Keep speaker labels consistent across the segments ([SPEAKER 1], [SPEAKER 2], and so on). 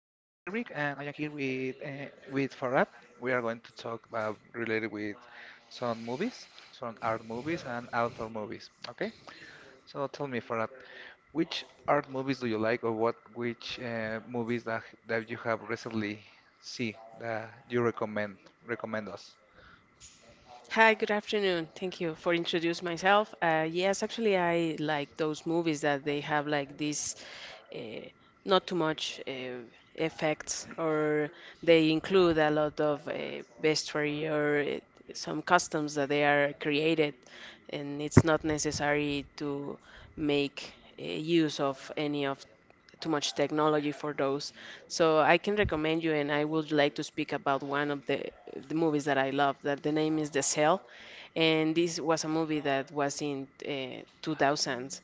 [SPEAKER 1] and I am here with Farad. We are going to talk about related with some movies, some art movies and outdoor movies. Okay, so tell me, Farad, which art movies do you like, or what which movies that you have recently see that you recommend us?
[SPEAKER 2] Hi, good afternoon. Thank you for introduce myself. Yes, actually, I like those movies that they have like this uh, not too much effects, or they include a lot of vestry or some customs that they are created, and it's not necessary to make use of any of too much technology for those. So I can recommend you, and I would like to speak about one of the movies that I love. That the name is The Cell and this was a movie that was in 2000s.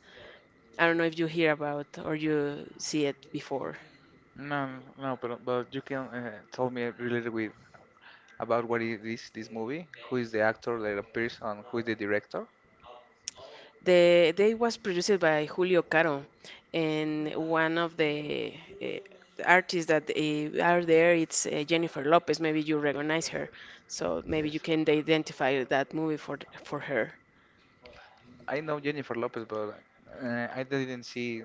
[SPEAKER 2] I don't know if you hear about or you see it before.
[SPEAKER 1] No, no, but you can tell me related with about what it is this movie, who is the actor that appears, and who is the director.
[SPEAKER 2] They was produced by Julio Caro, and one of the artists that are there it's Jennifer Lopez. Maybe you recognize her, so maybe you
[SPEAKER 1] Yes,
[SPEAKER 2] can identify that movie for her.
[SPEAKER 1] I know Jennifer Lopez, but I didn't see.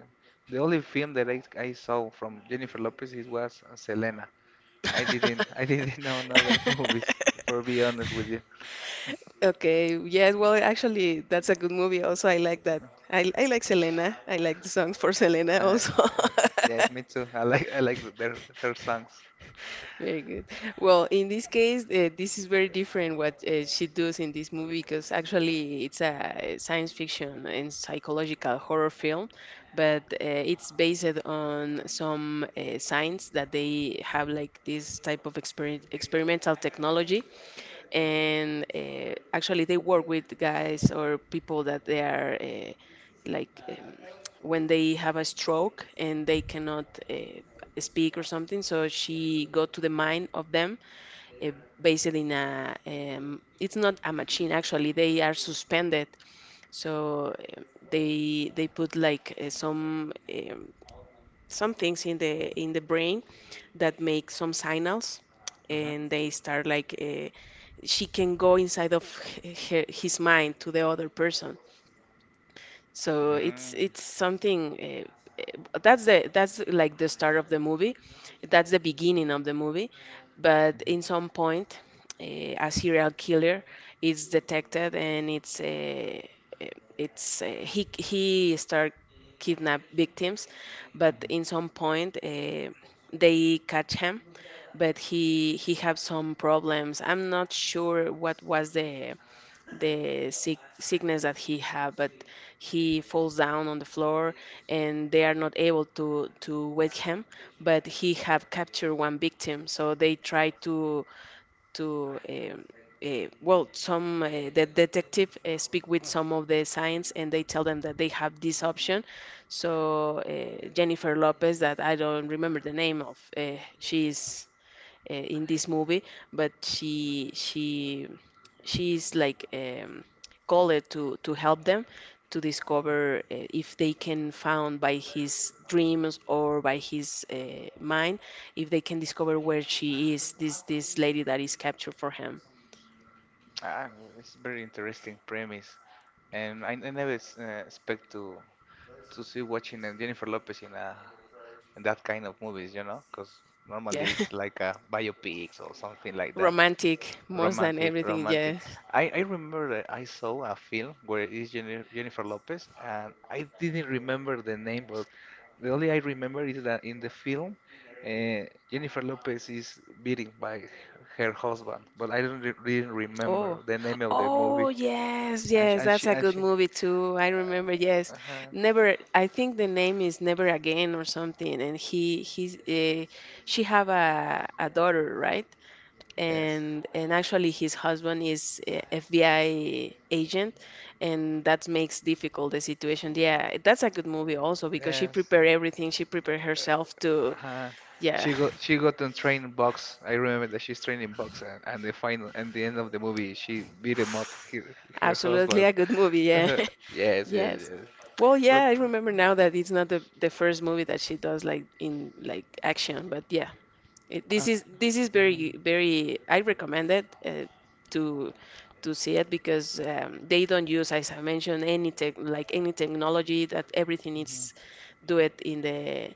[SPEAKER 1] The only film that I saw from Jennifer Lopez is was Selena. I didn't I didn't know another movies. For be honest with you,
[SPEAKER 2] Okay, yes, well, actually, that's a good movie also. I like that. I like Selena. I like the songs for Selena
[SPEAKER 1] uh, uh,
[SPEAKER 2] also.
[SPEAKER 1] yes, me too. I like the, their her songs.
[SPEAKER 2] Very good. Well, in this case, this is very different what she does in this movie because actually it's a science fiction and psychological horror film, but it's based on some science that they have like this type of experimental technology and actually they work with guys or people that they are like when they have a stroke and they cannot speak or something, so she got to the mind of them uh, based in a it's not a machine, actually they are suspended, so they put like some things in the brain that make some signals
[SPEAKER 1] Hmm.
[SPEAKER 2] and they start like she can go inside of her, his mind to the other person,
[SPEAKER 1] Mm.
[SPEAKER 2] so it's
[SPEAKER 1] Mhm.
[SPEAKER 2] it's something that's the that's like the start of the movie. That's the beginning of the movie. But in some point, uh, a serial killer is detected and uh, it's he start kidnap victims, but in some point they catch him. But he have some problems. I'm not sure what was the
[SPEAKER 1] Mhm.
[SPEAKER 2] the sick, sickness that he have, but he falls down on the floor and they are not able to wake him, but he have captured one victim, so they try to to um, well, some the detective speak with some of the science and they tell them that they have this option, so Jennifer Lopez, that I don't remember the name of she's in this movie, but she's like called to help them to discover if they can found by his dreams or by his mind, if they can discover where she is, this lady that is captured for him.
[SPEAKER 1] Ah, it's very interesting premise, and I never expect to see watching Jennifer Lopez in a in that kind of movies, you know, because
[SPEAKER 2] Yeah.
[SPEAKER 1] normally it's like a biopics or something like that.
[SPEAKER 2] Romantic more than
[SPEAKER 1] Romantic,
[SPEAKER 2] everything,
[SPEAKER 1] romantic.
[SPEAKER 2] yes.
[SPEAKER 1] I remember that I saw a film where it's Jennifer Lopez, and I didn't remember the name, but the only I remember is that in the film, Jennifer Lopez is beaten by her husband, but I don't re didn't remember
[SPEAKER 2] Oh,
[SPEAKER 1] the name of the movie.
[SPEAKER 2] oh yes,
[SPEAKER 1] And she,
[SPEAKER 2] yes,
[SPEAKER 1] and
[SPEAKER 2] that's
[SPEAKER 1] she,
[SPEAKER 2] a
[SPEAKER 1] and
[SPEAKER 2] good
[SPEAKER 1] she,
[SPEAKER 2] movie too. I remember, yes.
[SPEAKER 1] uh-huh.
[SPEAKER 2] Never, I think the name is Never Again or something. And she have a daughter, right?
[SPEAKER 1] Yes,
[SPEAKER 2] And actually, his husband is FBI agent, and that makes difficult the situation. Yeah, that's a good movie also because she
[SPEAKER 1] yes.
[SPEAKER 2] prepared everything. She prepared herself to,
[SPEAKER 1] Uh,
[SPEAKER 2] yeah,
[SPEAKER 1] she got on training box. I remember that she's training box, and the final and the end of the movie, she beat him up, her, her
[SPEAKER 2] absolutely
[SPEAKER 1] husband.
[SPEAKER 2] a good movie. Yeah.
[SPEAKER 1] Yes, yes,
[SPEAKER 2] Yes.
[SPEAKER 1] yes.
[SPEAKER 2] Well, yeah,
[SPEAKER 1] But
[SPEAKER 2] I remember now that it's not the first movie that she does like in like action, but yeah, it, this
[SPEAKER 1] okay.
[SPEAKER 2] is this is
[SPEAKER 1] Mhm,
[SPEAKER 2] very very I recommend it to see it because they don't use, as I mentioned, any tech like any technology, that everything is
[SPEAKER 1] mhm.
[SPEAKER 2] do it in the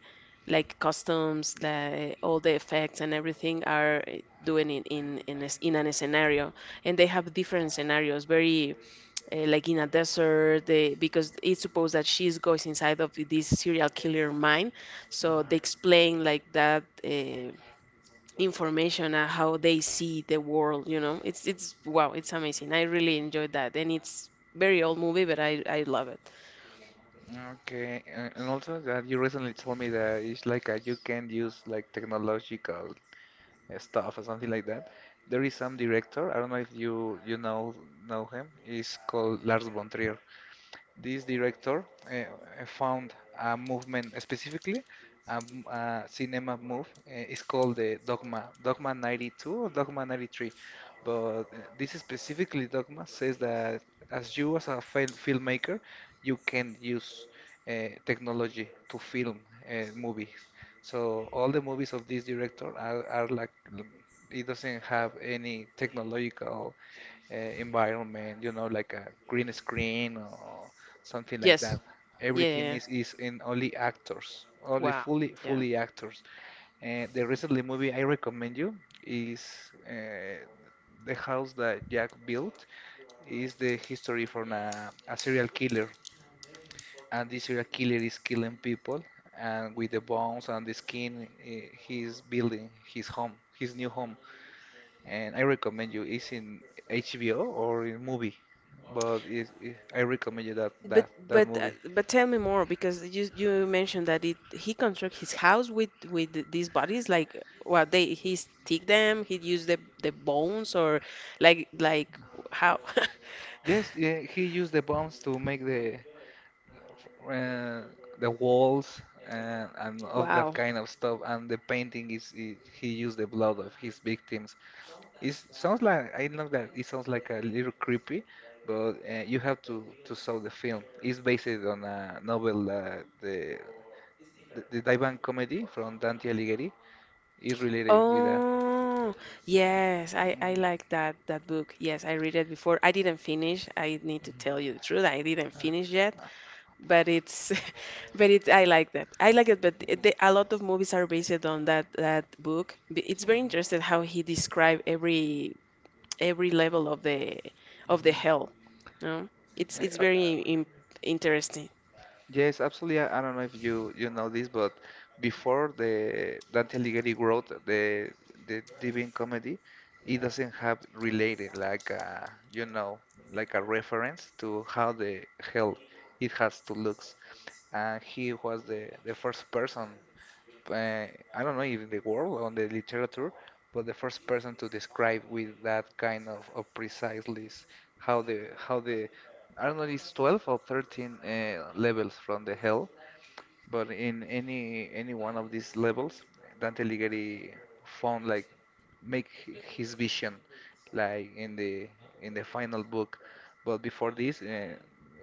[SPEAKER 2] like costumes, all the effects and everything are doing in a s in an scenario, and they have different scenarios, very like in a desert they, because it's supposed that she goes inside of this serial killer mind, so they explain like that information and how they see the world, you know, it's wow, it's amazing, I really enjoyed that, and it's very old movie, but I love it.
[SPEAKER 1] Mhm. Okay, a- and also that you recently told me that it's like you can use like technological stuff or something like that. There is some director. I don't know if you know him. He's called Lars von Trier. This director found a movement specifically a cinema move. It's called the Dogma 92 or Dogma 93. But this specifically Dogma says that as a filmmaker, you can use technology to film movies. So all the movies of this director are like it doesn't have any technological environment, you know, like a green screen or something like
[SPEAKER 2] Yes.
[SPEAKER 1] that.
[SPEAKER 2] Yeah, yeah.
[SPEAKER 1] Everything
[SPEAKER 2] Yeah.
[SPEAKER 1] is in only actors, only
[SPEAKER 2] Wow. Yeah.
[SPEAKER 1] fully actors. And the recently movie I recommend you is uh, the house that Jack built is the history from a serial killer and the serial killer is killing people, and with the bones and the skin, eh, he's building his home, his new home. And I recommend you. It's in HBO or in movie, but I recommend you that
[SPEAKER 2] But
[SPEAKER 1] that movie.
[SPEAKER 2] but tell me more because you mentioned that it he construct his house with these bodies like, well, they he stick them, he used the bones or like how.
[SPEAKER 1] Yes, yeah, he used the bombs to make uh, the walls and of that
[SPEAKER 2] Wow.
[SPEAKER 1] kind of stuff. And the painting is he used the blood of his victims. It sounds like I know that it sounds like a little creepy, but you have to saw the film. It's based on a novel, the Divan comedy from Dante Alighieri. Is related with that.
[SPEAKER 2] Oh yes, I
[SPEAKER 1] Mhm.
[SPEAKER 2] like that book, yes, I read it before. I didn't finish, I need to tell you the truth, I didn't finish yet, but it's but it I like that. I like it, but a lot of movies are based on that book. It's very
[SPEAKER 1] Mhm.
[SPEAKER 2] interesting how he described every level of the hell. No, it's
[SPEAKER 1] Mhm.
[SPEAKER 2] it's very interesting.
[SPEAKER 1] Yes, absolutely. I don't know if you know this, but before the Dante Alighieri wrote the Divine Comedy, it doesn't have related like a, you know like a reference to how the hell it has to looks and he was the first person uh, I don't know if in the world on the literature but the first person to describe with that kind of precise list how the I don't know it's 12 or 13 levels from the hell but in any one of these levels, Dante Alighieri found like make his vision like in the final book. But before this,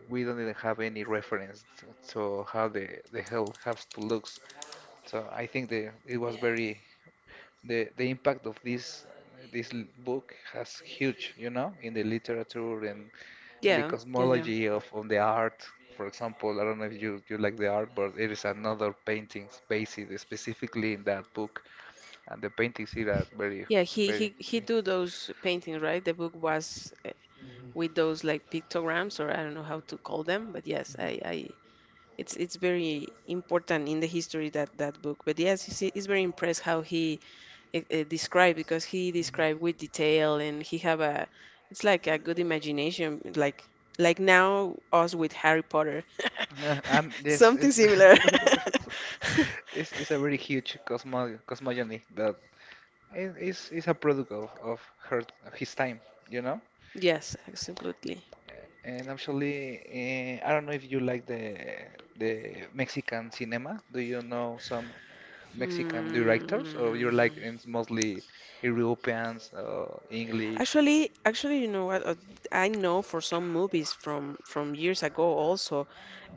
[SPEAKER 1] we don't even have any reference to how the hell has to looks. So I think the it was Yeah. very the impact of this this book has huge, you know, in the literature and in the
[SPEAKER 2] Yeah, yeah, yeah.
[SPEAKER 1] cosmology of the art. For example, I don't know if you like the art, but there is another paintings based specifically in that book, and the paintings here are very,
[SPEAKER 2] Yeah, he
[SPEAKER 1] very.
[SPEAKER 2] he he
[SPEAKER 1] Yeah.
[SPEAKER 2] do those paintings, right? The book was with those like pictograms, or I don't know how to call them, but yes, I it's very important in the history that that book. But yes, he's very impressed how he describe, because he described with detail and he have a it's like a good imagination, like now us with Harry Potter,
[SPEAKER 1] And yes,
[SPEAKER 2] something
[SPEAKER 1] it's,
[SPEAKER 2] similar.
[SPEAKER 1] it's a very huge cosmogony that is it's a product of her of his time, you know.
[SPEAKER 2] Yes, absolutely.
[SPEAKER 1] And actually, I don't know if you like the Mexican cinema. Do you know some Mexican directors, or you're
[SPEAKER 2] Hmm.
[SPEAKER 1] like it's mostly Europeans or English?
[SPEAKER 2] Actually, you know what? I know for some movies from years ago also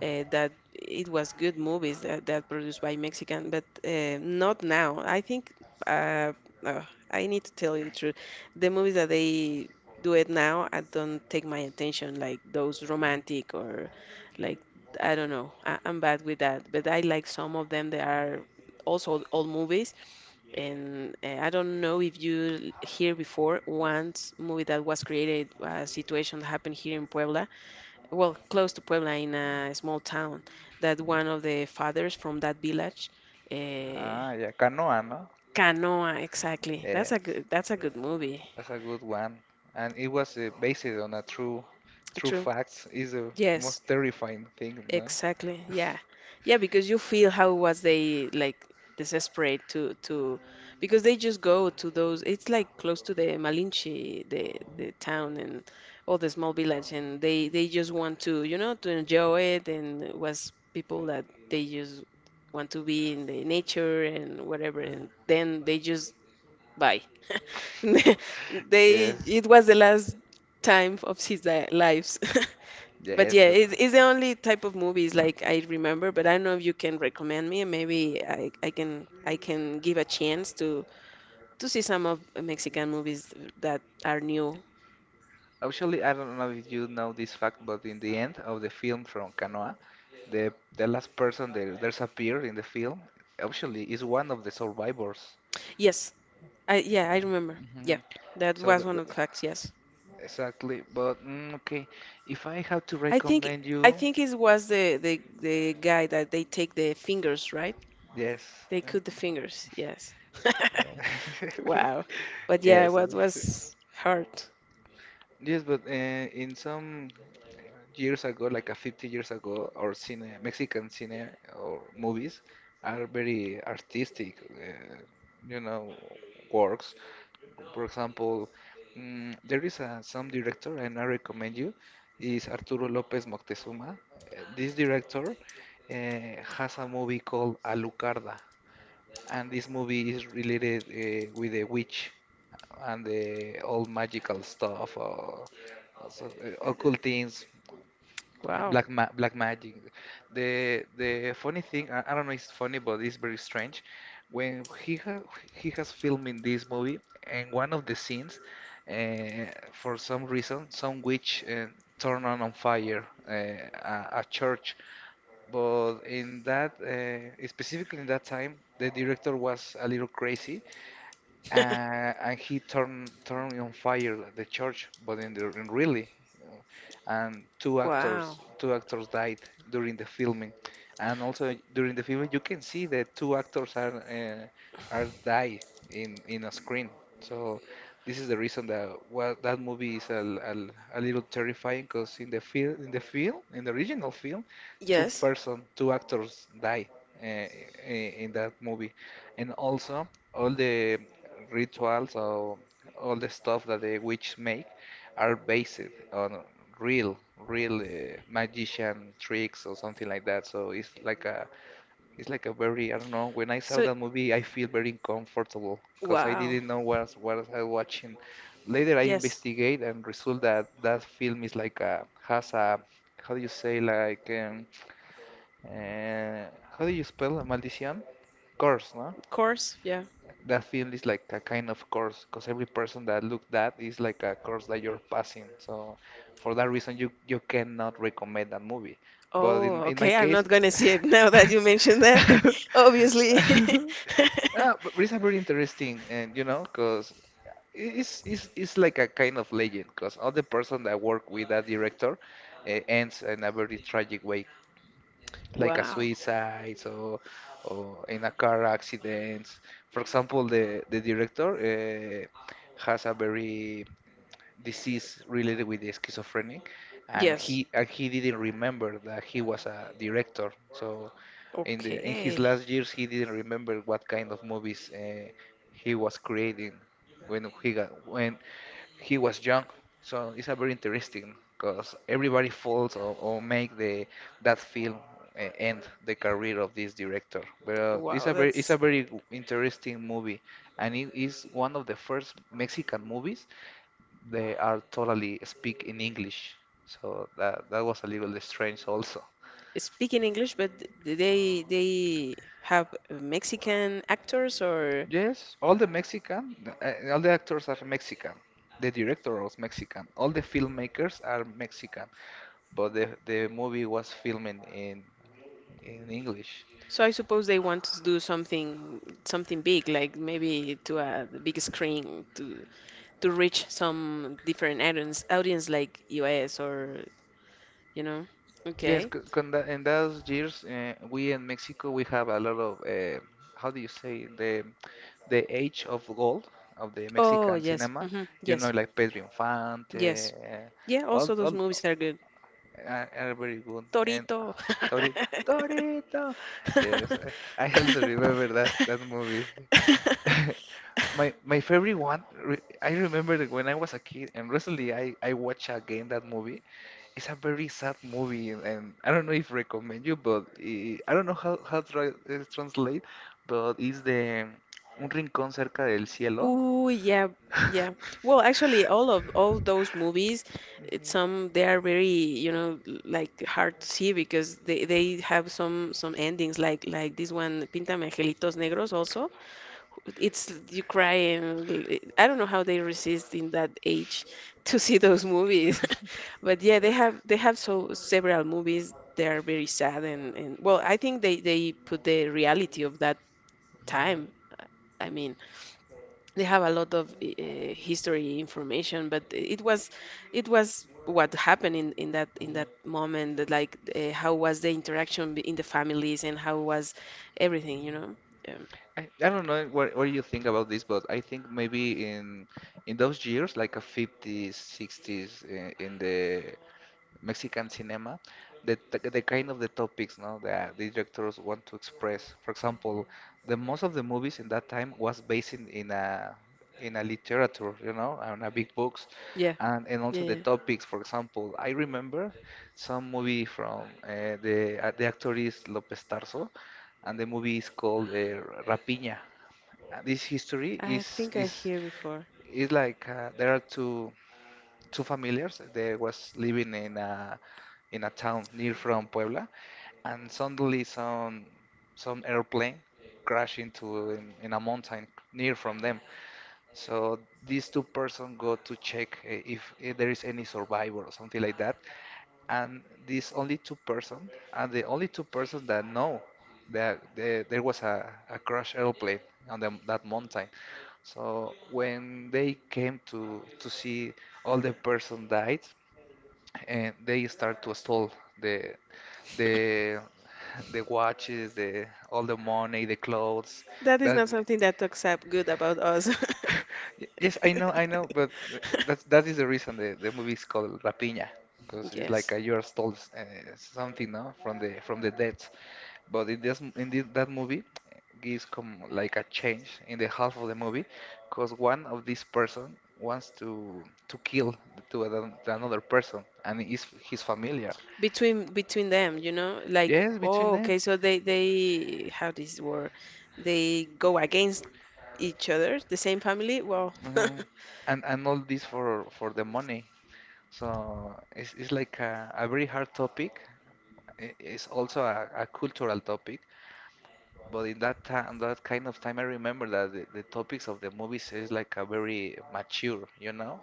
[SPEAKER 2] that it was good movies that, that produced by Mexican, but not now. I think uh, uh, I need to tell you the truth. The movies that they do it now, I don't take my attention, like those romantic or like I don't know. I'm bad with that, but I like some of them. They are also old movies, and I don't know if you hear before once movie that was created a situation that happened here in Puebla, well, close to Puebla in a small town, that one of the fathers from that village, uh,
[SPEAKER 1] Ah, yeah, Canoa, no?
[SPEAKER 2] Canoa, exactly. That's a
[SPEAKER 1] Yes,
[SPEAKER 2] good, that's a good movie.
[SPEAKER 1] that's a good one. And it was based on a true
[SPEAKER 2] True.
[SPEAKER 1] facts. Is the
[SPEAKER 2] Yes.
[SPEAKER 1] most terrifying thing, no?
[SPEAKER 2] Exactly. Yeah. Yeah, because you feel how was they like desperate to because they just go to those, it's like close to the Malinche, the town and all the small village, and they just want to, you know, to enjoy it, and it was people that they just want to be in the nature and whatever, and then they just bye. They
[SPEAKER 1] Yes,
[SPEAKER 2] it was the last time of his lives. But
[SPEAKER 1] yes.
[SPEAKER 2] yeah, it's the only type of movies like I remember, but I don't know if you can recommend me. Maybe I can give a chance to see some of Mexican movies that are new.
[SPEAKER 1] Actually, I don't know if you know this fact, but in the end of the film from Canoa, the last person that there's appeared in the film actually is one of the survivors.
[SPEAKER 2] Yes, I yeah, I
[SPEAKER 1] Yeah.
[SPEAKER 2] remember. Yeah,
[SPEAKER 1] Hmm.
[SPEAKER 2] that
[SPEAKER 1] So
[SPEAKER 2] was
[SPEAKER 1] th
[SPEAKER 2] one
[SPEAKER 1] th
[SPEAKER 2] of the facts. Yes,
[SPEAKER 1] exactly, but mm, okay, if I have to
[SPEAKER 2] I think
[SPEAKER 1] recommend
[SPEAKER 2] I
[SPEAKER 1] you,
[SPEAKER 2] think it was the guy that they take the fingers, right?
[SPEAKER 1] yes,
[SPEAKER 2] They
[SPEAKER 1] uh,
[SPEAKER 2] cut the fingers, yes.
[SPEAKER 1] yeah.
[SPEAKER 2] Wow. But yeah,
[SPEAKER 1] Yes,
[SPEAKER 2] what was hard?
[SPEAKER 1] yes, but in some years ago, like a 50 years ago, our Mexican cine or movies are very artistic, you know, works. For example, mm, there is a, some director, and I recommend you, is Arturo López Moctezuma. This director has a movie called Alucarda and this movie is related with the witch and the all magical stuff or, occult things.
[SPEAKER 2] Wow.
[SPEAKER 1] Black magic. The funny thing, I don't know, it's funny, but it's very strange. When he ha he has filmed in this movie, and one of the scenes, for some reason, some witch turned on fire a church. But in that, specifically in that time, the director was a little crazy, and he turned on fire the church, but in, the, in really, you know, and
[SPEAKER 2] Wow.
[SPEAKER 1] two actors died during the filming, and also during the filming you can see that two actors are died in a screen. So this is the reason that well that movie is a little terrifying because in the original film two
[SPEAKER 2] Yes.
[SPEAKER 1] person, two actors die in that movie, and also all the rituals or all the stuff that the witch make are based on real, real magician tricks or something like that. So it's like a very, I don't know, when I saw
[SPEAKER 2] So,
[SPEAKER 1] that movie, I feel very uncomfortable because I
[SPEAKER 2] wow.
[SPEAKER 1] didn't know what I was watching. Later, I
[SPEAKER 2] Yes.
[SPEAKER 1] investigate and result that that film is like a, has a, how do you say, like, uh, how do you spell a maldición? Curse, no?
[SPEAKER 2] Of course. Yeah.
[SPEAKER 1] That film is like a kind of course because every person that looked that is like a course that you're passing so for that reason you you cannot recommend that movie but
[SPEAKER 2] Oh,
[SPEAKER 1] in my
[SPEAKER 2] okay. I'm
[SPEAKER 1] case
[SPEAKER 2] not gonna see it now that you mentioned that. Obviously.
[SPEAKER 1] Ah, but it's a very interesting and you know because it's like a kind of legend because all the person that work with that director ends in a very tragic way like a
[SPEAKER 2] Wow.
[SPEAKER 1] suicide or in a car accident. For example, the director has a very disease related with the schizophrenic, and
[SPEAKER 2] Yes.
[SPEAKER 1] he didn't remember that he was a director. So in the in his
[SPEAKER 2] Okay.
[SPEAKER 1] last years, he didn't remember what kind of movies he was creating when he was young, so it's a very interesting because everybody falls or make the that film end the career of this director. But it's
[SPEAKER 2] Wow,
[SPEAKER 1] a very
[SPEAKER 2] that's
[SPEAKER 1] interesting movie, and it is one of the first Mexican movies they are totally speak in English. So that that was a little strange also.
[SPEAKER 2] speaking English, but they have Mexican actors or
[SPEAKER 1] Yes, all the Mexican, all the actors are Mexican. The director was Mexican. All the filmmakers are Mexican. But the movie was filming in English.
[SPEAKER 2] so. I suppose they want to do something something big, like maybe to a big screen to reach some different audience like US or you know.
[SPEAKER 1] Yes,
[SPEAKER 2] Okay.
[SPEAKER 1] in those years, we in Mexico we have a lot of how do you say the age of gold of the
[SPEAKER 2] Oh
[SPEAKER 1] Mexican
[SPEAKER 2] yes.
[SPEAKER 1] cinema.
[SPEAKER 2] Hmm.
[SPEAKER 1] You know,
[SPEAKER 2] Yes.
[SPEAKER 1] like Pedro
[SPEAKER 2] Yes.
[SPEAKER 1] Infante,
[SPEAKER 2] Yeah. Also, those
[SPEAKER 1] all
[SPEAKER 2] movies are good.
[SPEAKER 1] are very good. And
[SPEAKER 2] Torito.
[SPEAKER 1] Torito, Torito. Yes, I also remember that that movie. My favorite one. Re I remember that when I was a kid, and recently I watched again that movie. It's a very sad movie, and I don't know if recommend you, but I don't know how to translate, but it's the Un rincón cerca del cielo.
[SPEAKER 2] Oh yeah, yeah. Well, actually, all of all those movies, it's some they are very, you know, like hard to see because they have some endings like this one, Píntame Angelitos Negros also. It's you cry and I don't know how they resist in that age to see those movies. But yeah, they have so several movies. They are very sad, and well, I think they put the reality of that time. I mean, they have a lot of history information, but it was what happened in that moment, that like how was the interaction in the families and how was everything, you know. um,
[SPEAKER 1] I don't know what you think about this, but I think maybe in those years, like a 50s, 60s, in the Mexican cinema, the kind of the topics, no, that the directors want to express. For example, the most of the movies in that time was based in a in a literature, you know, on a big books,
[SPEAKER 2] yeah,
[SPEAKER 1] and
[SPEAKER 2] yeah,
[SPEAKER 1] also the
[SPEAKER 2] yeah.
[SPEAKER 1] topics. For example, I remember some movie from the actor is López Tarso, and the movie is called Rapiña. This history
[SPEAKER 2] I
[SPEAKER 1] is
[SPEAKER 2] think I
[SPEAKER 1] is
[SPEAKER 2] hear before
[SPEAKER 1] is like there are two familiars. They was living in a town near from Puebla, and suddenly some airplane crashed into in a mountain near from them. So these two persons go to check if there is any survivor or something like that. And these only two persons are the only two persons that know that there was a crashed airplane on that mountain. So when they came to see all the person died, and they start to steal the the the watches, the all the money, the clothes.
[SPEAKER 2] that is
[SPEAKER 1] That
[SPEAKER 2] not something that talks up good about us.
[SPEAKER 1] Yes, I know, but th- that's that is the reason the movie is called Rapina, because it's like
[SPEAKER 2] Yes,
[SPEAKER 1] you are stole something, no, from the dead. But in this that movie, gives come like a change in the half of the movie, because one of these person wants to kill the another person, and is his familiar.
[SPEAKER 2] between between them, you know, like,
[SPEAKER 1] Yes, between
[SPEAKER 2] oh,
[SPEAKER 1] them,
[SPEAKER 2] okay, so they how this war they go against each other, the same family. Well,
[SPEAKER 1] hmm and all this for the money. So it's like a very hard topic. It's also a cultural topic. But in that time, that kind of time, I remember that the topics of the movies is like a very mature, you know?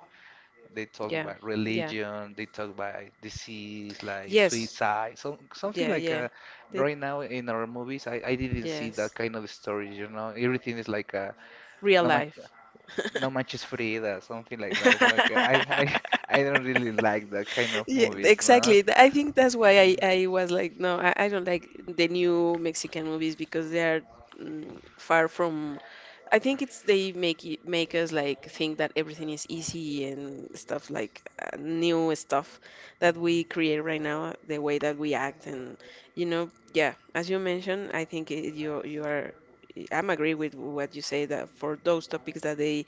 [SPEAKER 1] They talk
[SPEAKER 2] yeah,
[SPEAKER 1] about
[SPEAKER 2] yeah,
[SPEAKER 1] religion, they talk about disease, like
[SPEAKER 2] yes,
[SPEAKER 1] suicide, some, something
[SPEAKER 2] yeah,
[SPEAKER 1] like
[SPEAKER 2] yeah, they-
[SPEAKER 1] right now in our movies, I didn't see that
[SPEAKER 2] yes,
[SPEAKER 1] kind of stories, you know? Everything is like a,
[SPEAKER 2] real life.
[SPEAKER 1] no Match is free, Frida, something like that. It's like uh, I I I don't really like that kind of
[SPEAKER 2] Yeah,
[SPEAKER 1] movies, no.
[SPEAKER 2] exactly. I think that's why I was like, no, I don't like the new Mexican movies because they are mm, far from. I think it's they make make us like think that everything is easy and stuff, like new stuff that we create right now, the way that we act and you know, yeah. As you mentioned, I think it, you are. I'm agree with what you say that for those topics that they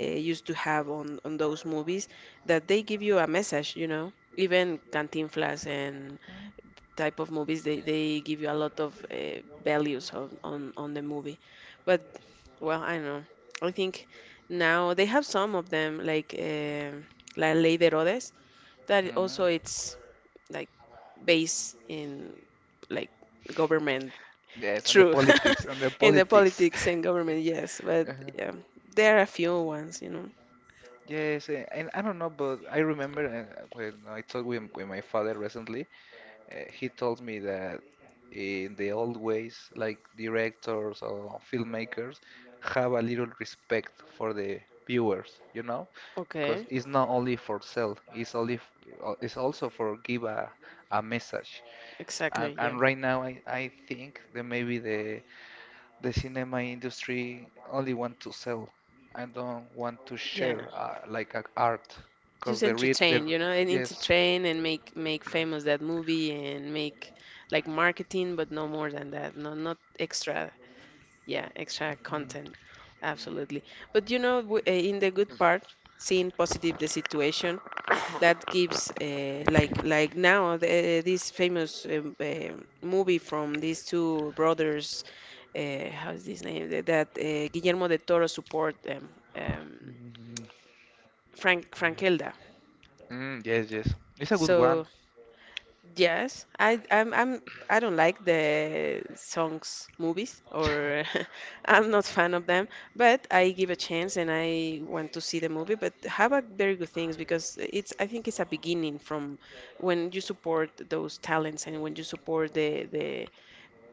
[SPEAKER 2] used to have on those movies that they give you a message, you know. Even Cantinflas and type of movies, they give you a lot of values on, on the movie. But well, I don't know, I think now they have some of them like La Ley de Herodes, that
[SPEAKER 1] Mm.
[SPEAKER 2] also it's like based in like government.
[SPEAKER 1] Yes, and the
[SPEAKER 2] True.
[SPEAKER 1] politics, and the
[SPEAKER 2] In the
[SPEAKER 1] politics.
[SPEAKER 2] politics and government, yes, but
[SPEAKER 1] Uh-huh.
[SPEAKER 2] yeah, there are a few ones, you know.
[SPEAKER 1] Yes, eh, and I don't know, but I remember when I talked with my father recently. He told me that in the old ways, like directors or filmmakers, have a little respect for the viewers, you know, because
[SPEAKER 2] Okay.
[SPEAKER 1] it's not only for sell, it's only it's also for give a message.
[SPEAKER 2] Exactly, yeah.
[SPEAKER 1] And right now, I think that maybe the cinema industry only want to sell and don't want to share
[SPEAKER 2] Yeah.
[SPEAKER 1] like a art, because
[SPEAKER 2] Just
[SPEAKER 1] the real the
[SPEAKER 2] entertain, you know, and
[SPEAKER 1] yes.
[SPEAKER 2] entertain and make famous that movie and make like marketing, but no more than that. No, not extra. Yeah, extra content. Absolutely. But you know, in the good part, seeing positive the situation, that gives like now the, this famous movie from these two brothers, how's this name? That Guillermo de Toro support, um,
[SPEAKER 1] Mhm.
[SPEAKER 2] Frank.
[SPEAKER 1] Mm, yes, yes. It's a good one.
[SPEAKER 2] So yes, I'm I don't like the songs movies, or I'm not fan of them, but I give a chance and I want to see the movie, but have a very good things, because it's, I think it's a beginning from when you support those talents and when you support the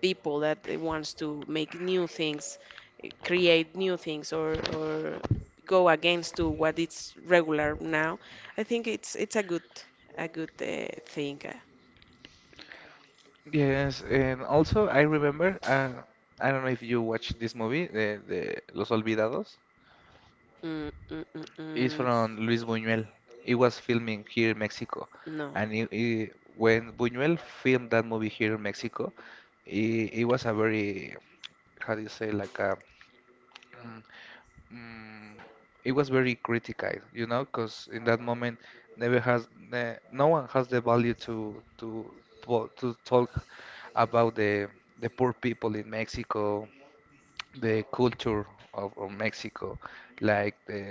[SPEAKER 2] people that wants to make new things, create new things, or go against to what is regular now. I think it's a good, a good thing.
[SPEAKER 1] Yes, and also I remember, I don't know if you watched this movie, the Los Olvidados.
[SPEAKER 2] Mm, mm, mm,
[SPEAKER 1] It's
[SPEAKER 2] mm,
[SPEAKER 1] from Luis Buñuel. It was filming here in Mexico.
[SPEAKER 2] no.
[SPEAKER 1] And when Buñuel filmed that movie here in Mexico, it was a very, how do you say, like a Mm, mm, it was very criticized, you know, because in that moment, never has ne no one has the value to to talk about the poor people in Mexico, the culture of Mexico, like the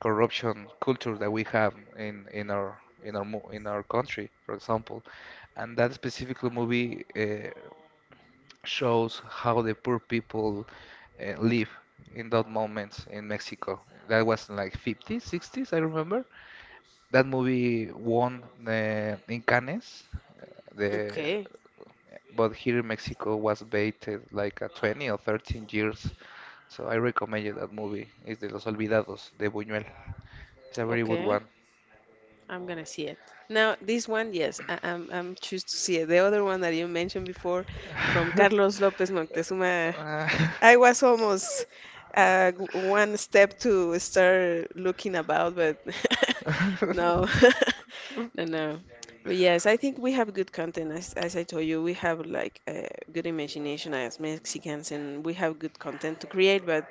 [SPEAKER 1] corruption culture that we have in our country, for example. And that specific movie shows how the poor people live in that moment in Mexico. That was in like 50s, 60s, I remember. That movie won in Cannes. The
[SPEAKER 2] Okay,
[SPEAKER 1] But here in Mexico was baited like a 20 or 13 years. So I recommend you that movie. It's de Los Olvidados de Buñuel. It's a very good
[SPEAKER 2] okay.
[SPEAKER 1] one.
[SPEAKER 2] I'm gonna see it. Now, this one, yes, I, I'm choose to see it. The other one that you mentioned before, from Carlos López Moctezuma,
[SPEAKER 1] Uh,
[SPEAKER 2] I was almost one step to start looking about, but no, no, no. But yes, I think we have good content. As I told you, we have like a good imagination as Mexicans, and we have good content to create. But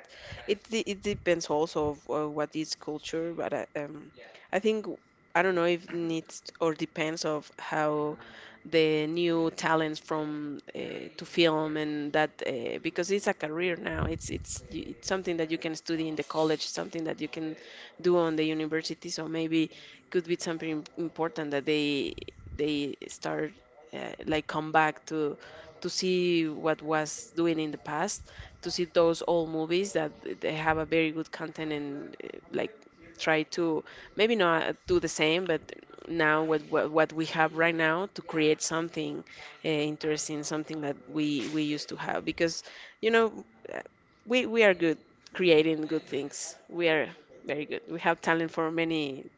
[SPEAKER 2] it depends also of what is culture. But I think, I don't know if needs or depends of how the new talents from to film and that because it's a career now, it's something that you can study in the college, something that you can do on the university. So maybe could be something important that they start like come back to see what was doing in the past, to see those old movies that they have a very good content and like try to maybe not do the same, but now with what we have right now to create something interesting, something that we used to have. Because you know, uh, we are good creating good things. We are very good. We have talent for many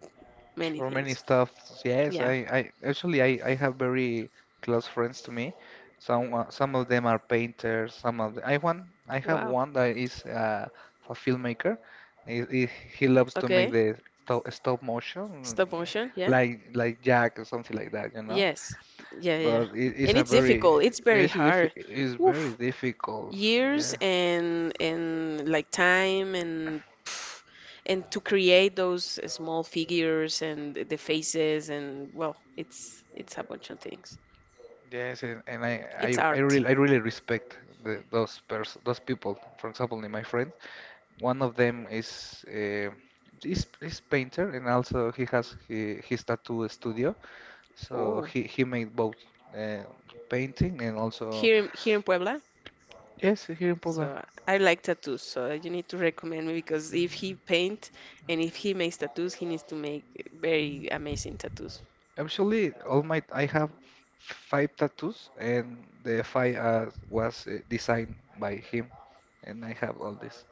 [SPEAKER 2] many
[SPEAKER 1] For many
[SPEAKER 2] things.
[SPEAKER 1] stuff, yes. I,
[SPEAKER 2] Yeah.
[SPEAKER 1] I actually I, I have very close friends to me. Some of them are painters. Some of I have
[SPEAKER 2] Wow.
[SPEAKER 1] one that is a filmmaker. He, he, he loves to make
[SPEAKER 2] Okay.
[SPEAKER 1] the stop motion,
[SPEAKER 2] Stop motion. Yeah.
[SPEAKER 1] like Jack or something like that, you know.
[SPEAKER 2] Yes. Yeah. Yeah. Yeah.
[SPEAKER 1] But it is
[SPEAKER 2] And
[SPEAKER 1] a
[SPEAKER 2] it's
[SPEAKER 1] very
[SPEAKER 2] difficult. It's very hard.
[SPEAKER 1] it's very
[SPEAKER 2] Woof.
[SPEAKER 1] difficult.
[SPEAKER 2] Years
[SPEAKER 1] Yeah.
[SPEAKER 2] and like time and pff, and to create those small figures and the faces, and well, it's a bunch of things.
[SPEAKER 1] Yes, and I, I,
[SPEAKER 2] It's
[SPEAKER 1] I
[SPEAKER 2] art.
[SPEAKER 1] really, I really respect those pers those people. For example, my friend, one of them is painter, and also he, his tattoo studio. So
[SPEAKER 2] Oh,
[SPEAKER 1] he made both uh, painting and also
[SPEAKER 2] here in, here in Puebla.
[SPEAKER 1] yes, here in Poland.
[SPEAKER 2] So I like tattoos. So you need to recommend me because if he
[SPEAKER 1] Mm,
[SPEAKER 2] paint and if he makes tattoos, he needs to make very
[SPEAKER 1] mhm.
[SPEAKER 2] amazing tattoos.
[SPEAKER 1] Actually, all my I have five tattoos, and the five was designed by him, and I have all this.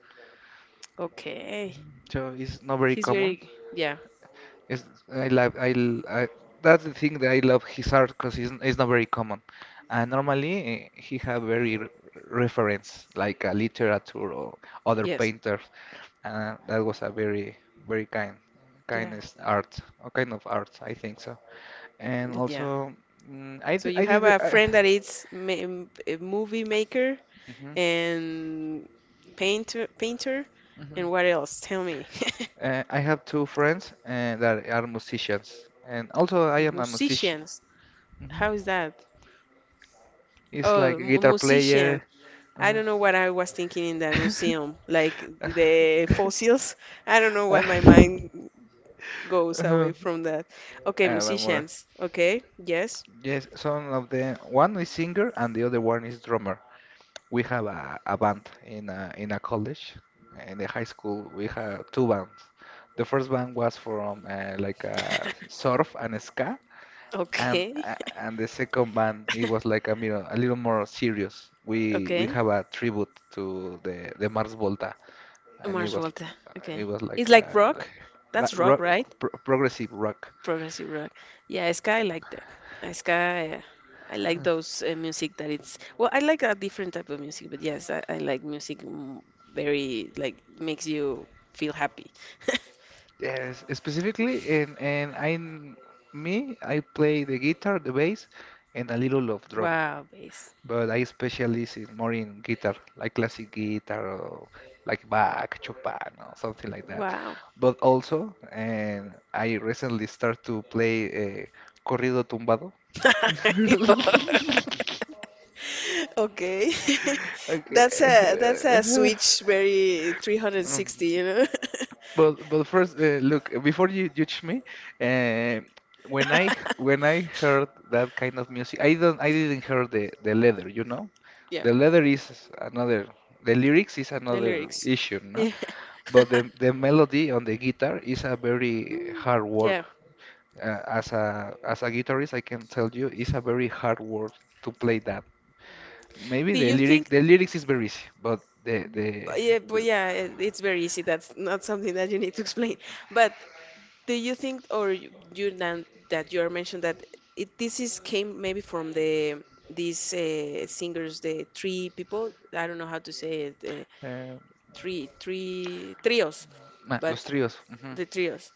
[SPEAKER 2] Okay.
[SPEAKER 1] Mhm. So it's not very
[SPEAKER 2] He's
[SPEAKER 1] common,
[SPEAKER 2] very, yeah,
[SPEAKER 1] it's, I love I, l- I- that's the thing that I love his art because it's not very common. And normally eh, he have very r reference like a literature or other
[SPEAKER 2] yes,
[SPEAKER 1] painters. And that was a very
[SPEAKER 2] yeah.
[SPEAKER 1] kind of art I think so. And
[SPEAKER 2] But yeah.
[SPEAKER 1] also mm, I
[SPEAKER 2] So
[SPEAKER 1] d-
[SPEAKER 2] you
[SPEAKER 1] I
[SPEAKER 2] have
[SPEAKER 1] did
[SPEAKER 2] a
[SPEAKER 1] I,
[SPEAKER 2] friend that is a movie maker
[SPEAKER 1] mhm,
[SPEAKER 2] and painter, painter,
[SPEAKER 1] mhm.
[SPEAKER 2] and what else? Tell me.
[SPEAKER 1] I have two friends that are musicians, and also I am a musician.
[SPEAKER 2] Musicians.
[SPEAKER 1] hmm
[SPEAKER 2] How is that?
[SPEAKER 1] It's
[SPEAKER 2] Oh,
[SPEAKER 1] like a guitar
[SPEAKER 2] musician.
[SPEAKER 1] player.
[SPEAKER 2] I
[SPEAKER 1] Mhm.
[SPEAKER 2] don't know what I was thinking in the museum, like the fossils. I don't know why my mind goes
[SPEAKER 1] Uh-huh.
[SPEAKER 2] away from that. Okay,
[SPEAKER 1] One more.
[SPEAKER 2] musicians. Okay, yes.
[SPEAKER 1] Yes, some of the one is singer and the other one is drummer. We have a band in a college, in the high school. We have two bands. The first band was from like a surf and ska,
[SPEAKER 2] Okay,
[SPEAKER 1] and the second band it was like a little more serious. We
[SPEAKER 2] okay.
[SPEAKER 1] have a tribute to the Mars Volta, and
[SPEAKER 2] Mars Volta.
[SPEAKER 1] it
[SPEAKER 2] Okay.
[SPEAKER 1] was
[SPEAKER 2] It's
[SPEAKER 1] like
[SPEAKER 2] like
[SPEAKER 1] a
[SPEAKER 2] rock.
[SPEAKER 1] like
[SPEAKER 2] That's rock,
[SPEAKER 1] rock,
[SPEAKER 2] right?
[SPEAKER 1] progressive rock.
[SPEAKER 2] Progressive rock. Yeah, ska, I like that. Ska, I like
[SPEAKER 1] Uh,
[SPEAKER 2] those music that it's, well, I like a different type of music, but yes, I like music, mm, very like makes you feel happy.
[SPEAKER 1] Yes, specifically, and I play the guitar, the bass, and a little of drum.
[SPEAKER 2] Wow, bass.
[SPEAKER 1] But I specialize in more in guitar, like classic guitar or like Bach, Chopin, or something like that.
[SPEAKER 2] Wow.
[SPEAKER 1] But also, and I recently start to play corrido tumbado.
[SPEAKER 2] Okay. That's
[SPEAKER 1] Okay.
[SPEAKER 2] a switch very 360, you know.
[SPEAKER 1] But first, look, before you judge me, uh, when I when I heard that kind of music, I didn't hear the leather, you know,
[SPEAKER 2] Yeah,
[SPEAKER 1] the leather is another, the lyrics is
[SPEAKER 2] the
[SPEAKER 1] another
[SPEAKER 2] lyrics.
[SPEAKER 1] issue, no,
[SPEAKER 2] Yeah.
[SPEAKER 1] but the melody on the guitar is a very
[SPEAKER 2] Mm.
[SPEAKER 1] hard work.
[SPEAKER 2] Yeah.
[SPEAKER 1] As a guitarist, I can tell you, it's a very hard work to play that. Maybe
[SPEAKER 2] Do you think,
[SPEAKER 1] the lyrics is very easy, but
[SPEAKER 2] but yeah, but
[SPEAKER 1] the
[SPEAKER 2] yeah, it- it's very easy. That's not something that you need to explain. But do you think, or you, that you are mentioned that it this is came maybe from the these singers, the three people. I don't know how to say it.
[SPEAKER 1] um,
[SPEAKER 2] Three, three trios, but
[SPEAKER 1] Los tríos. Ujú.
[SPEAKER 2] the trios,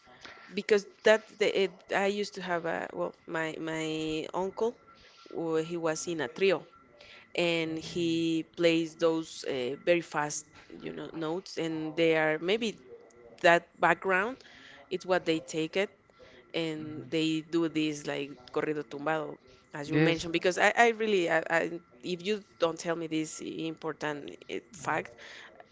[SPEAKER 2] because that the, it, I used to have a, well, my uncle, he was in a trio and he plays those very fast, you know, notes, and they are maybe that background, it's what they take it
[SPEAKER 1] Mhm.
[SPEAKER 2] and they do this like corrido tumbado, as you
[SPEAKER 1] Yes,
[SPEAKER 2] mentioned. Because I really I, if you don't tell me this important fact,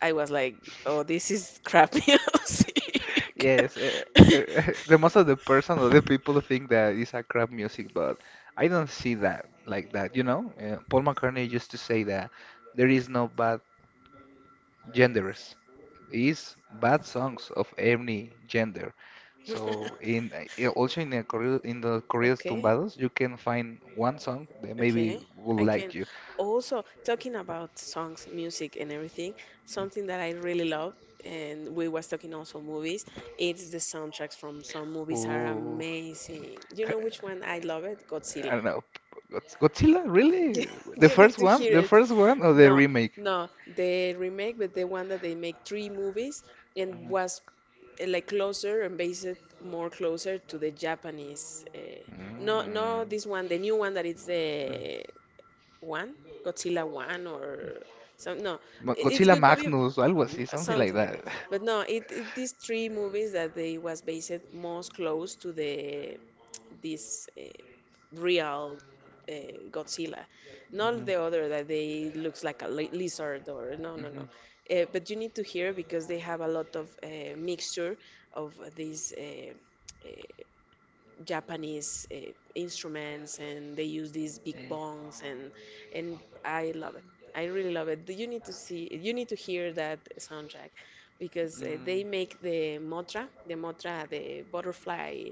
[SPEAKER 2] I was like, oh, this is crap music.
[SPEAKER 1] yes. The most of the person or the people think that it's a crap music, but I don't see that like that. You know, Paul McCartney used to say that there is no bad genders. Is bad songs of any gender. So in also in the corrido, in the corridos
[SPEAKER 2] Okay.
[SPEAKER 1] tumbados, you can find one song that maybe
[SPEAKER 2] Okay,
[SPEAKER 1] will
[SPEAKER 2] I
[SPEAKER 1] like
[SPEAKER 2] can
[SPEAKER 1] you.
[SPEAKER 2] also talking about songs, music, and everything. Something that I really love, and we was talking also movies. It's the soundtracks from some movies are
[SPEAKER 1] Oh.
[SPEAKER 2] amazing. You know which one I love it?
[SPEAKER 1] I
[SPEAKER 2] Godzilla.
[SPEAKER 1] don't know. Godzilla,
[SPEAKER 2] Yeah,
[SPEAKER 1] really? The
[SPEAKER 2] you need
[SPEAKER 1] first
[SPEAKER 2] to
[SPEAKER 1] one?
[SPEAKER 2] hear
[SPEAKER 1] The
[SPEAKER 2] it.
[SPEAKER 1] first one or the
[SPEAKER 2] No,
[SPEAKER 1] remake?
[SPEAKER 2] no, the remake, but the one that they make three movies and was like closer and based more closer to the Japanese. No, no,
[SPEAKER 1] Mm.
[SPEAKER 2] this one, the new one that it's the one, Godzilla One, or some. No, I- It's
[SPEAKER 1] Godzilla
[SPEAKER 2] good movie,
[SPEAKER 1] Magnus, algo
[SPEAKER 2] mm,
[SPEAKER 1] así, something like
[SPEAKER 2] something like
[SPEAKER 1] that.
[SPEAKER 2] that. But no, it these three movies that they was based most close to the this real uh, Godzilla, not the other that they looks like a lizard, or no, no,
[SPEAKER 1] Mhm.
[SPEAKER 2] no. But you need to hear because they have a lot of mixture of these. Japanese instruments, and they use these big
[SPEAKER 1] Mhm.
[SPEAKER 2] bongs. And I love it. I really love it. You need to see, you need to hear that soundtrack, because
[SPEAKER 1] Mm.
[SPEAKER 2] they
[SPEAKER 1] Mm.
[SPEAKER 2] make the motra, the motra, the butterfly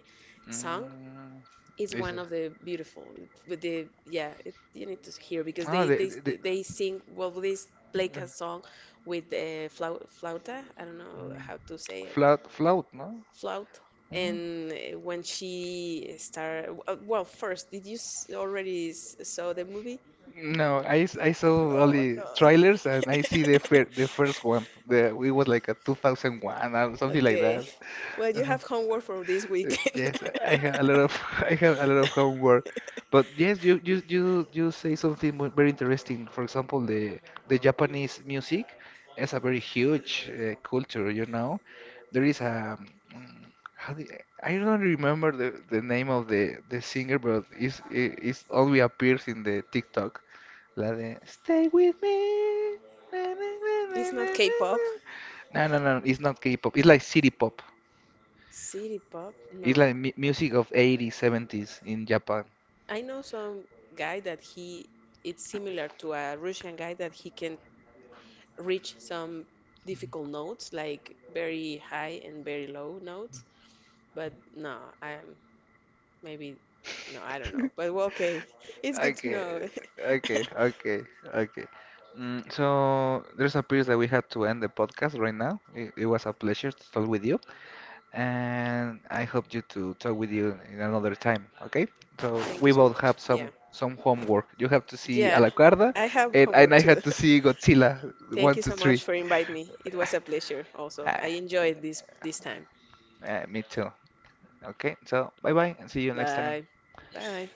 [SPEAKER 2] song,
[SPEAKER 1] Mm,
[SPEAKER 2] is one
[SPEAKER 1] dice.
[SPEAKER 2] of the beautiful. With the, yeah, it, you need to hear because
[SPEAKER 1] Ah,
[SPEAKER 2] they they
[SPEAKER 1] de-
[SPEAKER 2] they sing well. They play
[SPEAKER 1] eh,
[SPEAKER 2] a song with the flauta, I don't know
[SPEAKER 1] mm,
[SPEAKER 2] how to say.
[SPEAKER 1] flout, ¿no?
[SPEAKER 2] Flout.
[SPEAKER 1] Mm.
[SPEAKER 2] And when she started, well, first, did you saw the movie?
[SPEAKER 1] No, I saw
[SPEAKER 2] Oh
[SPEAKER 1] only
[SPEAKER 2] no.
[SPEAKER 1] trailers and I see the first one. The it was like a 2001 or something like
[SPEAKER 2] Okay.
[SPEAKER 1] that.
[SPEAKER 2] Well, you have homework for this weekend.
[SPEAKER 1] Yes, I have a lot of I have a lot of homework, but yes, you say something very interesting. For example, the Japanese music is a very huge culture. You know, there is a mm, how do you- I don't remember the name of the singer, but it's only appears in the TikTok. La de Stay with me. Na, na, na, na, na,
[SPEAKER 2] It's
[SPEAKER 1] na,
[SPEAKER 2] not
[SPEAKER 1] na."
[SPEAKER 2] K-pop.
[SPEAKER 1] No, it's not K-pop. It's like city pop.
[SPEAKER 2] City pop?
[SPEAKER 1] It's
[SPEAKER 2] No.
[SPEAKER 1] like music of 80s, 70s in Japan.
[SPEAKER 2] I know some guy that he it's similar to a Russian guy that he can reach some difficult notes, like very high and very low notes. But no, I am maybe no, I don't know. But well, okay, it's good to
[SPEAKER 1] Okay,
[SPEAKER 2] know.
[SPEAKER 1] okay, okay, okay. Mm, so there's a period that we had to end the podcast right now. It was a pleasure to talk with you, and I hope you to talk with you in another time. Okay? So
[SPEAKER 2] Thank you
[SPEAKER 1] we
[SPEAKER 2] so
[SPEAKER 1] both
[SPEAKER 2] much.
[SPEAKER 1] have
[SPEAKER 2] Yeah,
[SPEAKER 1] some homework. You have to see
[SPEAKER 2] yeah,
[SPEAKER 1] Alacarda,
[SPEAKER 2] I have
[SPEAKER 1] and
[SPEAKER 2] homework
[SPEAKER 1] I
[SPEAKER 2] too.
[SPEAKER 1] had to see Godzilla
[SPEAKER 2] Thank
[SPEAKER 1] one,
[SPEAKER 2] you
[SPEAKER 1] two,
[SPEAKER 2] so much
[SPEAKER 1] three.
[SPEAKER 2] for inviting me. It was a pleasure. Also,
[SPEAKER 1] Ah,
[SPEAKER 2] I enjoyed this time.
[SPEAKER 1] ah, me too. Okay, so bye bye and see you next time.
[SPEAKER 2] Bye, bye.